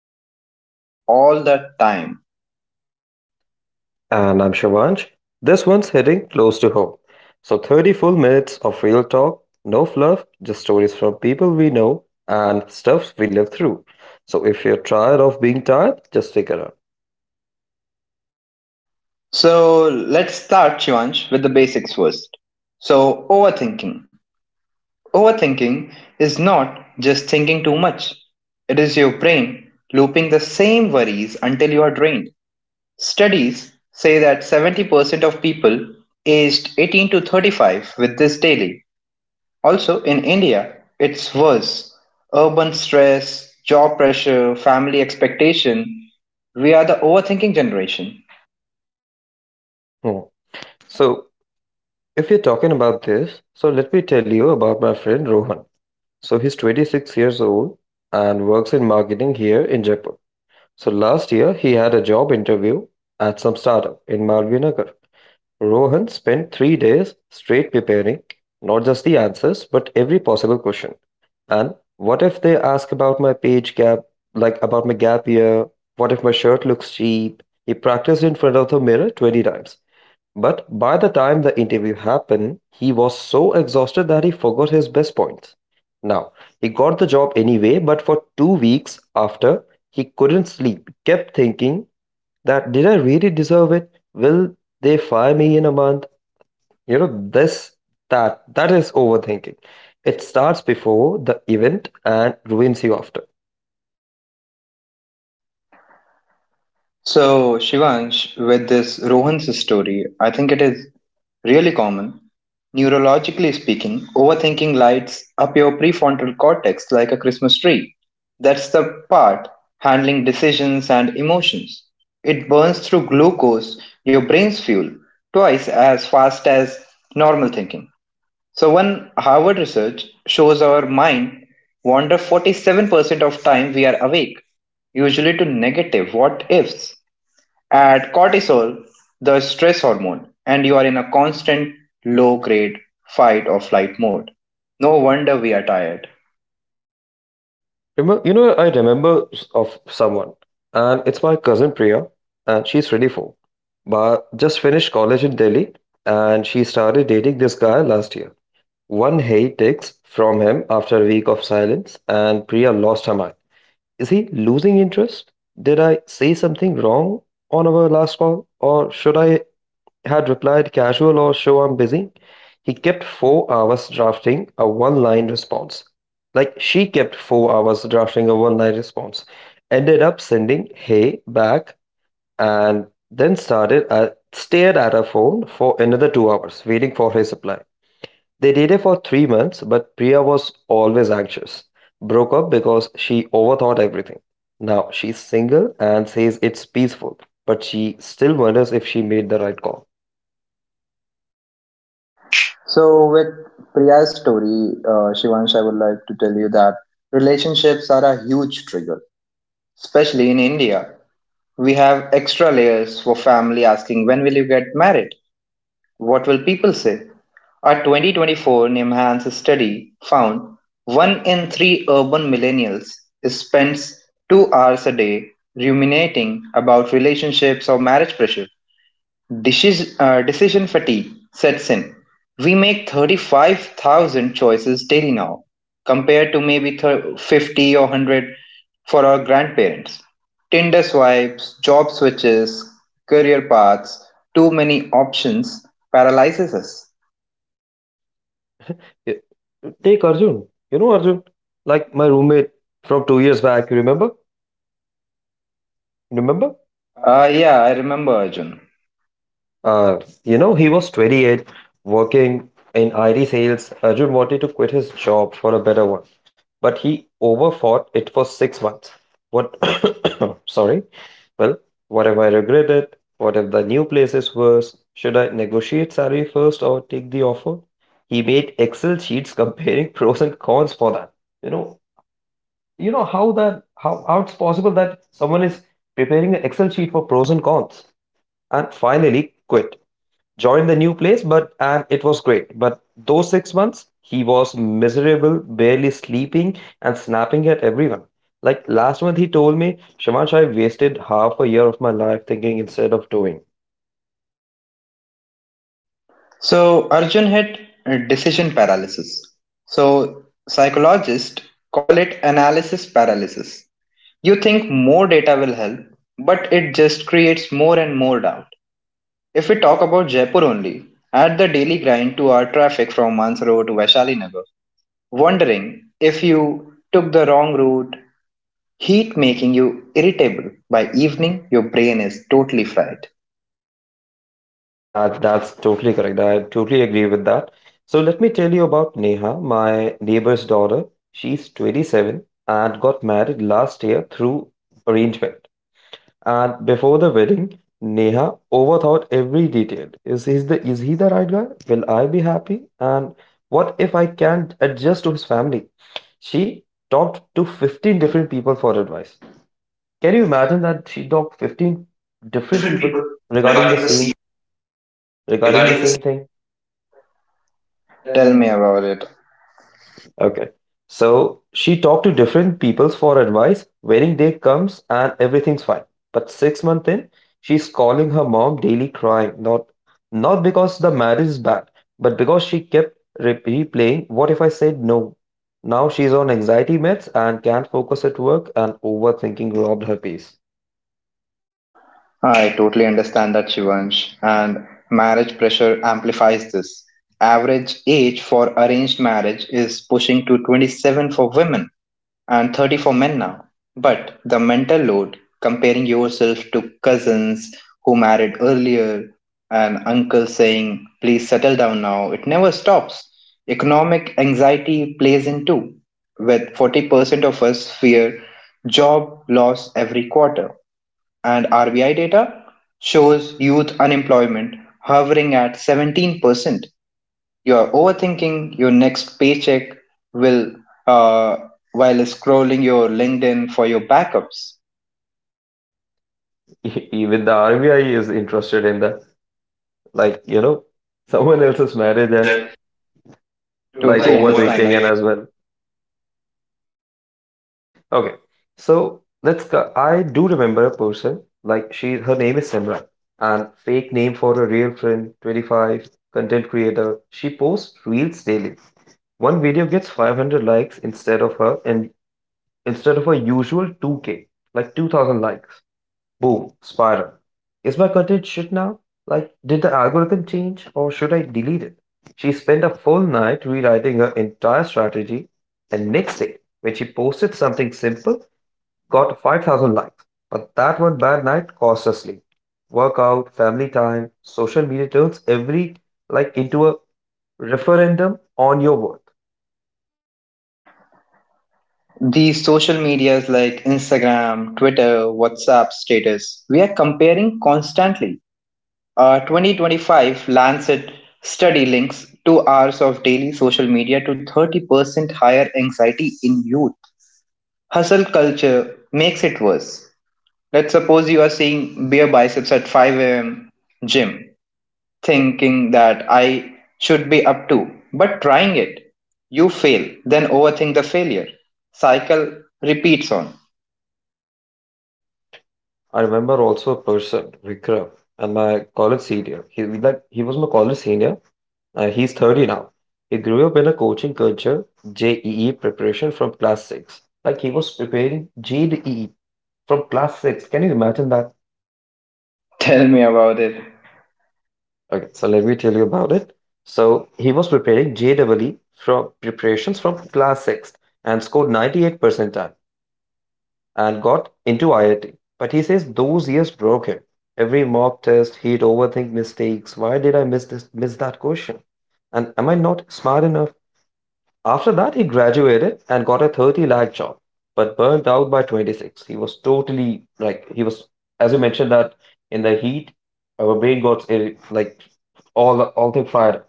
are exhausted all the time. And I'm Shivansh. This one's hitting close to home. So, 30 full minutes of real talk, no fluff, just stories from people we know and stuffs we live through. So, if you're tired of being tired, just stick around. So let's start, Shivansh, with the basics first. So, overthinking. Overthinking is not just thinking too much, it is your brain looping the same worries until you are drained. Studies say that 70% of people aged 18 to 35 with this daily. Also, in India, it's worse. Urban stress, job pressure, family expectation. We are the overthinking generation. Hmm. So, if you're talking about this, so let me tell you about my friend Rohan. So, he's 26 years old and works in marketing here in Jaipur. So, last year he had a job interview at some startup in Malvinagar. Rohan spent 3 days straight preparing not just the answers, but every possible question. And what if they ask about my page gap, like about my gap year? What if my shirt looks cheap? He practiced in front of the mirror 20 times. But by the time the interview happened, he was so exhausted that he forgot his best points. Now, he got the job anyway, but for 2 weeks after, he couldn't sleep, kept thinking, that did I really deserve it? Will they fire me in a month? You know, this that that is overthinking. It starts before the event and ruins you after. So, Shivansh, with this Rohan's story, I think it is really common. Neurologically speaking, overthinking lights up your prefrontal cortex like a Christmas tree. That's the part handling decisions and emotions. It burns through glucose, your brain's fuel, twice as fast as normal thinking. So one Harvard research shows our mind wander 47% of time we are awake, usually to negative what ifs. Add cortisol, the stress hormone, and you are in a constant low grade fight or flight mode. No wonder we are tired. Remember, I remember of someone, and it's my cousin Priya, and she's 24, but just finished college in Delhi, and she started dating this guy last year. One hate text from him after a week of silence, and Priya lost her mind. Is he losing interest? Did I say something wrong on our last call, or should I had replied, casual or show I'm busy? He kept 4 hours drafting a one line response. Like she kept 4 hours drafting a one line response. Ended up sending hey back, and then started stared at her phone for another 2 hours, waiting for his reply. They dated for 3 months, but Priya was always anxious. Broke up because she overthought everything. Now she's single and says it's peaceful, but she still wonders if she made the right call. So with Priya's story, Shivansh, I would like to tell you that relationships are a huge trigger, especially in India. We have extra layers for family asking, when will you get married? What will people say? A 2024 NIMHANS study found one in three urban millennials spends 2 hours a day ruminating about relationships or marriage pressure. Decision fatigue sets in. We make 35,000 choices daily now, compared to maybe 50 or 100 for our grandparents. Tinder swipes, job switches, career paths, too many options paralyzes us. Y Take Arjun. You know Arjun? Like my roommate from 2 years back, you remember? Remember? Yeah, I remember Arjun. Uh, he was 28, working in IT sales. Arjun wanted to quit his job for a better one, but he overfought it for 6 months. What? Sorry. Well, what if I regret it? What if the new place is worse? Should I negotiate salary first or take the offer? He made Excel sheets comparing pros and cons for that. You know, you know how that how it's possible that someone is preparing an Excel sheet for pros and cons, and finally quit, joined the new place, but and it was great, but those 6 months he was miserable, barely sleeping and snapping at everyone. Like last month he told me, Shivansh, I wasted half a year of my life thinking instead of doing. So, Arjun had decision paralysis. So, psychologists call it analysis paralysis. You think more data will help, but it just creates more and more doubt. If we talk about Jaipur only, add the daily grind to our traffic from Mansaro to Vaishali Nagar, wondering if you took the wrong route, heat making you irritable. By evening, your brain is totally fried. That's totally correct. I totally agree with that. So let me tell you about Neha, my neighbor's daughter. She's 27 and got married last year through arrangement. And before the wedding, Neha overthought every detail. Is he the right guy? Will I be happy? And what if I can't adjust to his family? She talked to 15 different people for advice. Can you imagine that she talked 15 different Different people people regarding the regarding the sea, same regarding the regarding the sea. same thing? Tell me about it. Okay. So she talked to different peoples for advice. Wedding day comes and everything's fine. But 6 months in, she's calling her mom daily crying. Not because the marriage is bad, but because she kept replaying, what if I said no? Now she's on anxiety meds and can't focus at work, and overthinking robbed her peace. I totally understand that, Shivansh. And marriage pressure amplifies this. Average age for arranged marriage is pushing to 27 for women and 30 for men now. But the mental load, comparing yourself to cousins who married earlier, and uncle saying, please settle down now, it never stops. Economic anxiety plays in too, with 40% of us fear job loss every quarter and RBI data shows youth unemployment hovering at 17%. You are overthinking your next paycheck will uh, while scrolling your LinkedIn for your backups. Even the RBI is interested in that. Like, someone else's marriage and Totally. Like, like understand overthinking and that. as well. Okay, so let's. I do remember a person like she. Her name is Simran, and fake name for a real friend. 25 content creator. She posts reels daily. One video gets 500 likes instead of her usual 2K, like 2,000 likes. Boom, spiral. Is my content shit now? Like, did the algorithm change or should I delete it? She spent a full night rewriting her entire strategy, and next day when she posted something simple, got 5,000 likes. But that one bad night cost us sleep. Workout, family time, social media turns every like into a referendum on your worth. These social medias like Instagram, Twitter, WhatsApp status, we are comparing constantly. 2025 Lancet study links 2 hours of daily social media to 30% higher anxiety in youth. Hustle culture makes it worse. Let's suppose you are seeing bare biceps at 5 a.m. gym, thinking that I should be up to, but trying it. You fail, then overthink the failure. Cycle repeats on. I remember also a person, Vikram, and my college senior. He was my college senior. He's 30 now. He grew up in a coaching culture, JEE preparation from class 6. Like he was preparing GDE from class 6. Can you imagine that? Tell me about it. Okay, so let me tell you about it. So he was preparing JEE from preparations from class 6th and scored 98 percentile and got into IIT. But he says those years broke him. Every mock test, he'd overthink mistakes. Why did I miss that question? And am I not smart enough? After that, he graduated and got a 30 lakh job, but burnt out by 26. He was totally like he was, as you mentioned, that in the heat, our brain got like all thing fried.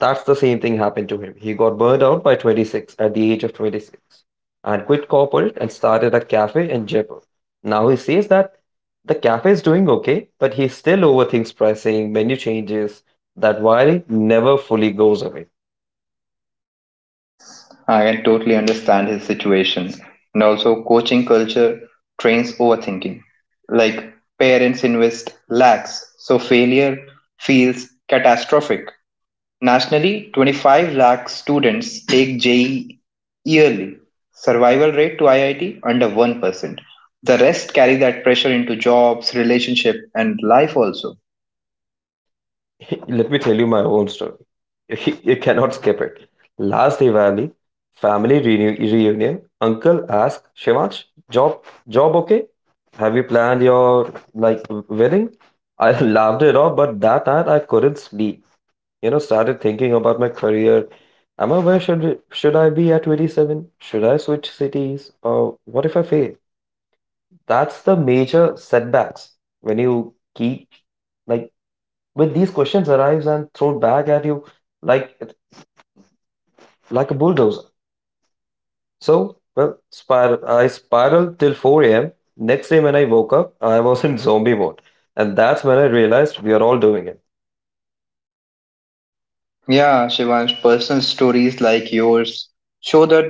That's the same thing happened to him. He got burned out by 26, at the age of 26, and quit corporate and started a cafe in Jaipur. Now he says that the cafe is doing okay, but he still overthinks pricing, menu changes. That worry never fully goes away. I can totally understand his situation. And also, coaching culture trains overthinking. Like parents invest lakhs, so failure feels catastrophic. Nationally, 25 lakh students take JEE yearly, survival rate to IIT under 1%. The rest carry that pressure into jobs, relationship and life also. Let me tell you my own story. You cannot skip it. Last Diwali, family reunion, uncle asked, Shivansh, job, job okay? Have you planned your like wedding? I laughed it off, but that night I couldn't sleep. Started thinking about my career. Am I where should I be at 27? Should I switch cities? Or what if I fail? That's the major setbacks when you keep like with these questions arrives and thrown back at you like like a bulldozer. So well, I spiraled till 4 a.m. Next day when I woke up, I was in zombie mode, and that's when I realized we are all doing it. Yeah, Shivansh, personal stories like yours show the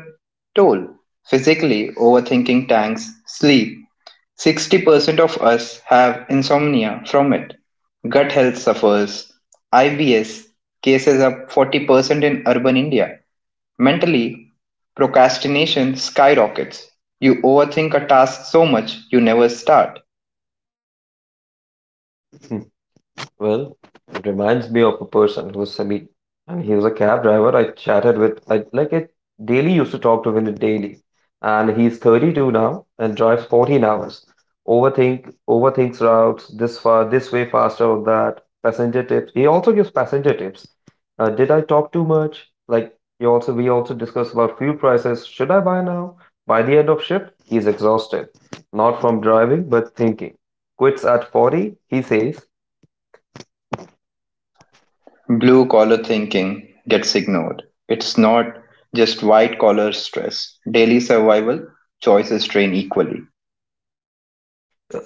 toll. Physically, overthinking tanks sleep. 60% of us have insomnia from it. Gut health suffers. IBS cases up 40% in urban India. Mentally, procrastination skyrockets; you overthink a task so much you never start. Well, it reminds me of a person who was, Samit, and he was a cab driver I chatted with. I daily used to talk to him daily, and he's 32 now and drives 14 hours. Overthinks routes, this far, this way faster or that. Passenger tips. He also gives passenger tips. Did I talk too much? We also discussed about fuel prices. Should I buy now? By the end of shift, he's exhausted, not from driving but thinking, quits at 40, he says. Blue collar thinking gets ignored. It's not just white collar stress. Daily survival choices drain equally.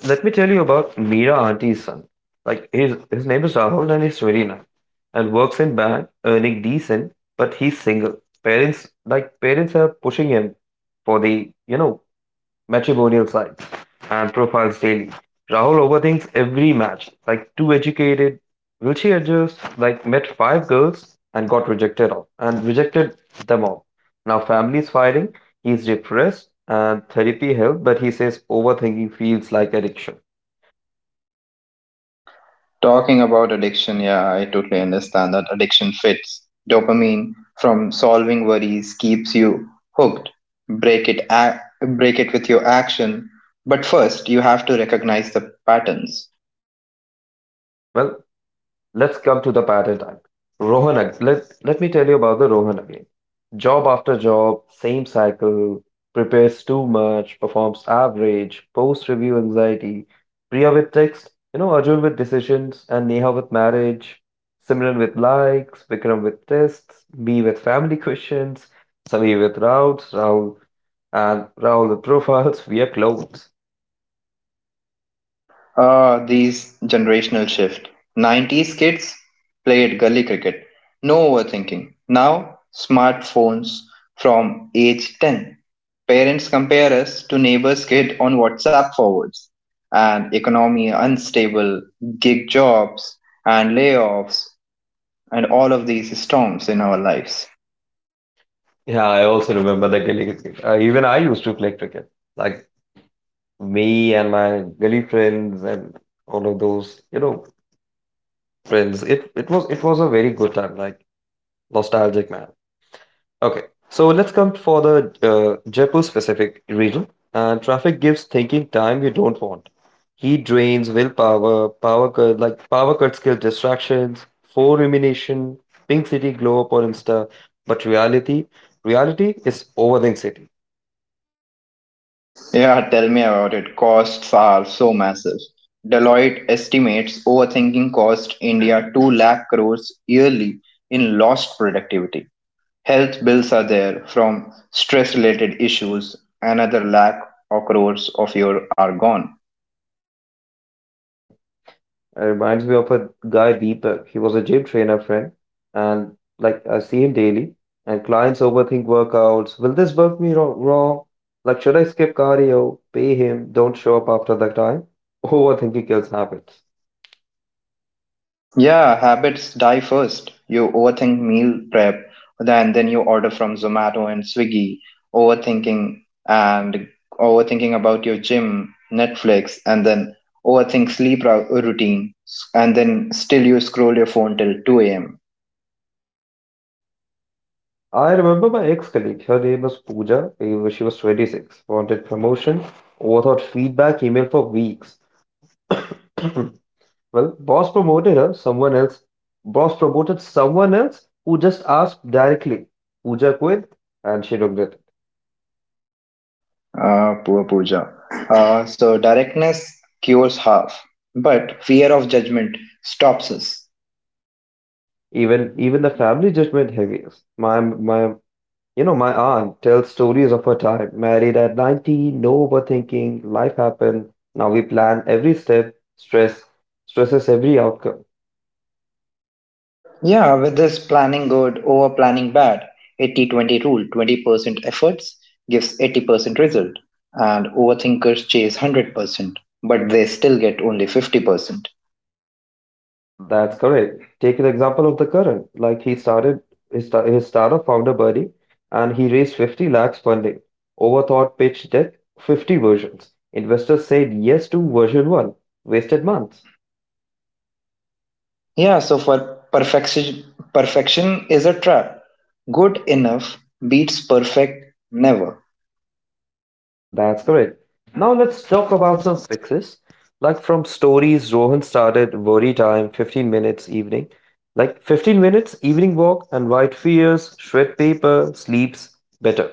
Let me tell you about Meera auntie's son. Like his name is Rahul and he's 29 and works in bank, earning decent, but he's single. Parents are pushing him for the matrimonial side and profiles daily. Rahul overthinks every match. Like too educated, will she adjust? Like met five girls and got rejected all and rejected them all. Now family's fighting. He's depressed and therapy helped, but he says overthinking feels like addiction. Talking about addiction, yeah, I totally understand that addiction fits. Dopamine from solving worries keeps you hooked. Break it, break it with your action. But first, you have to recognize the patterns. Well, let's come to the paradigm. Rohan, let me tell you about the Rohan again. Job after job, same cycle, prepares too much, performs average, post review anxiety, Priya with text, Arjun with decisions, and Neha with marriage, Simran with likes, Vikram with tests, me with family questions, Sami with routes, Rahul with profiles. We are clowns. Ah, these generational shift. 90s kids played gully cricket, no overthinking. Now, smartphones from age 10. Parents compare us to neighbor's kid on WhatsApp forwards. And economy unstable, gig jobs and layoffs, and all of these storms in our lives. Yeah, I also remember the Gilly cricket. Even I used to play cricket. Like me and my gully friends and all of those, friends. It was a very good time, like nostalgic man. Okay, so let's come for the Jaipur specific region. Traffic gives thinking time you don't want. Heat drains willpower, power cuts kill distractions, four rumination, pink city glow up on Insta, but reality is overthink city. Yeah, tell me about it. Costs are so massive. Deloitte estimates overthinking cost India 2 lakh crores yearly in lost productivity. Health bills are there from stress related issues. Another lakh or crores of your are gone. It reminds me of a guy Deepak. He was a gym trainer friend, and like I see him daily, and clients overthink workouts. Will this work me wrong? Like, should I skip cardio? Pay him? Don't show up after the time? Overthinking kills habits. Yeah, habits die first. You overthink meal prep, then you order from Zomato and Swiggy, overthinking and overthinking about your gym, Netflix, and then overthink sleep routine, and then still you scroll your phone till 2 a.m. I remember my ex-colleague. Her name was Pooja. She was 26. Wanted promotion, overthought feedback, email for weeks. Well, boss promoted her, someone else. Boss promoted someone else who just asked directly. Pooja quit and she regretted. Poor Pooja. So directness cures half, but fear of judgment stops us. Even the family judgment heaviest. My aunt tells stories of her time, married at 90, no overthinking, life happened. Now we plan every step, stresses every outcome. Yeah, with this planning good, over planning bad, 80-20 rule 20% efforts gives 80% result, and overthinkers chase 100%, but they still get only 50%. That's correct. Take the example of the current. Like he started his startup founder Buddy, and he raised 50 lakhs funding. Overthought pitch deck, 50 versions. Investors said yes to version 1. Wasted months. Yeah, so for perfection, perfection is a trap. Good enough beats perfect never. That's correct. Now let's talk about some fixes. Like from stories, Rohan started worry time, 15 minutes evening. Like 15 minutes evening walk and white fears, shred paper, sleeps better.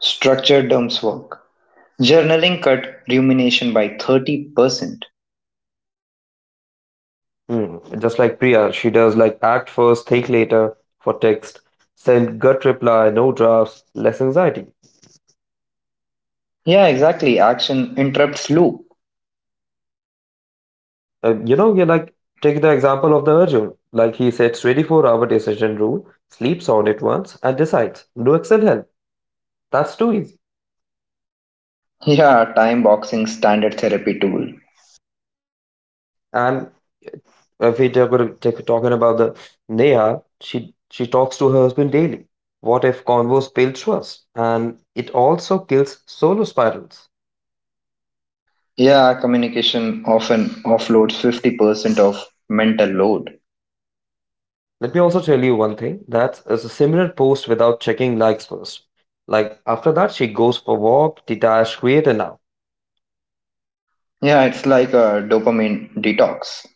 Structure dumps work. Journaling cut rumination by 30%. Just like Priya, she does like act first, think later for text, send gut reply, no drafts, less anxiety. Yeah, exactly. Action interrupts loop. And you know, you like take the example of the Arjun. Like he sets 24-hour decision rule, sleeps on it once, and decides. No Excel help. That's too easy. Yeah, time boxing standard therapy tool. And if we talk, about, take, talking about the Neha, she talks to her husband daily. What if convo spills trust? And it also kills solo spirals. Yeah, communication often offloads 50% of mental load. Let me also tell you one thing that is a similar post without checking likes first. Like after that, she goes for walk, detach, creator now. Yeah, it's like a dopamine detox.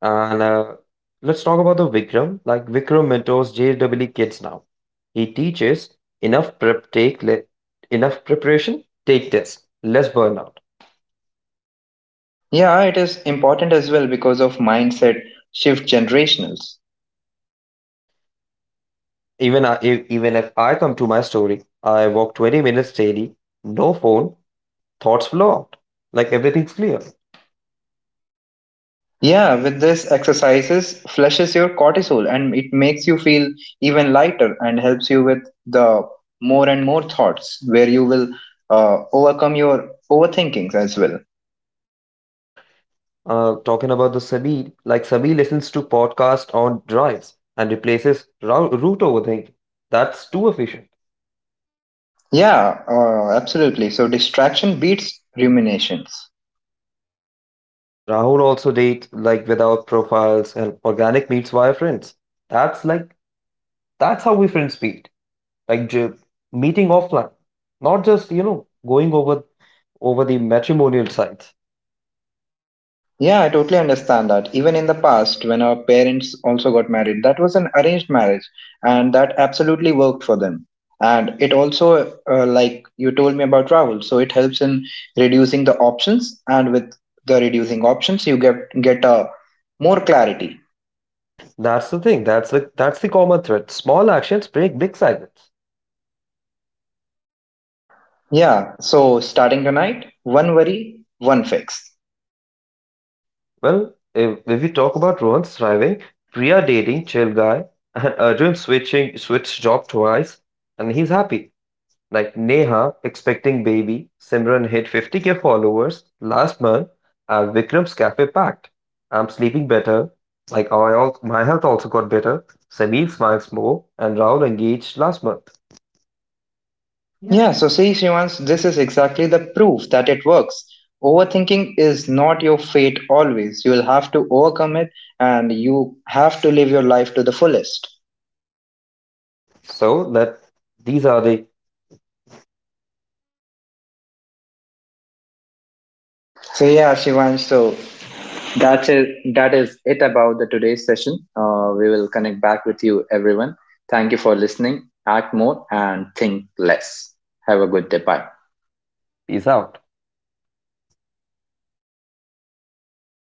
And let's talk about the Vikram. Like Vikram mentors JWE kids now. He teaches enough prep take le- enough preparation, take tests, less burnout. Yeah, it is important as well because of mindset shift generationals. Even if I come to my story, I walk 20 minutes daily, no phone, thoughts flow out. Like everything's clear. Yeah, with this exercises flushes your cortisol and it makes you feel even lighter and helps you with the more and more thoughts where you will overcome your overthinkings as well. Talking about the Sabi, like Sabi listens to podcasts on drives and replaces route overthinking. That's too efficient. Yeah, absolutely. So distraction beats ruminations. Rahul also dates like without profiles and organic meets via friends. That's like that's how we friends meet, like meeting offline, not just going over the matrimonial sites. Yeah, I totally understand that. Even in the past, when our parents also got married, that was an arranged marriage, and that absolutely worked for them. And it also, like you told me about Rahul, so it helps in reducing the options, and with the reducing options, you get a more clarity. That's the thing. That's the common thread. Small actions break big cycles. Yeah. So starting tonight, one worry, one fix. Well, if we talk about Rohan's thriving, Priya dating chill guy, and Arjun switching switched job twice, and he's happy. Like Neha expecting baby, Simran hit 50K followers last month, and Vikram's cafe packed. I'm sleeping better. Like I also, my health also got better. Samir smiles more, and Rahul engaged last month. Yeah. Yeah, so see, Shivans, this is exactly the proof that it works. Overthinking is not your fate always. You will have to overcome it and you have to live your life to the fullest. So let these are the So yeah, Shivansh, so that's it. That is it about the today's session. We will connect back with you, everyone. Thank you for listening. Act more and think less. Have a good day. Bye. These out.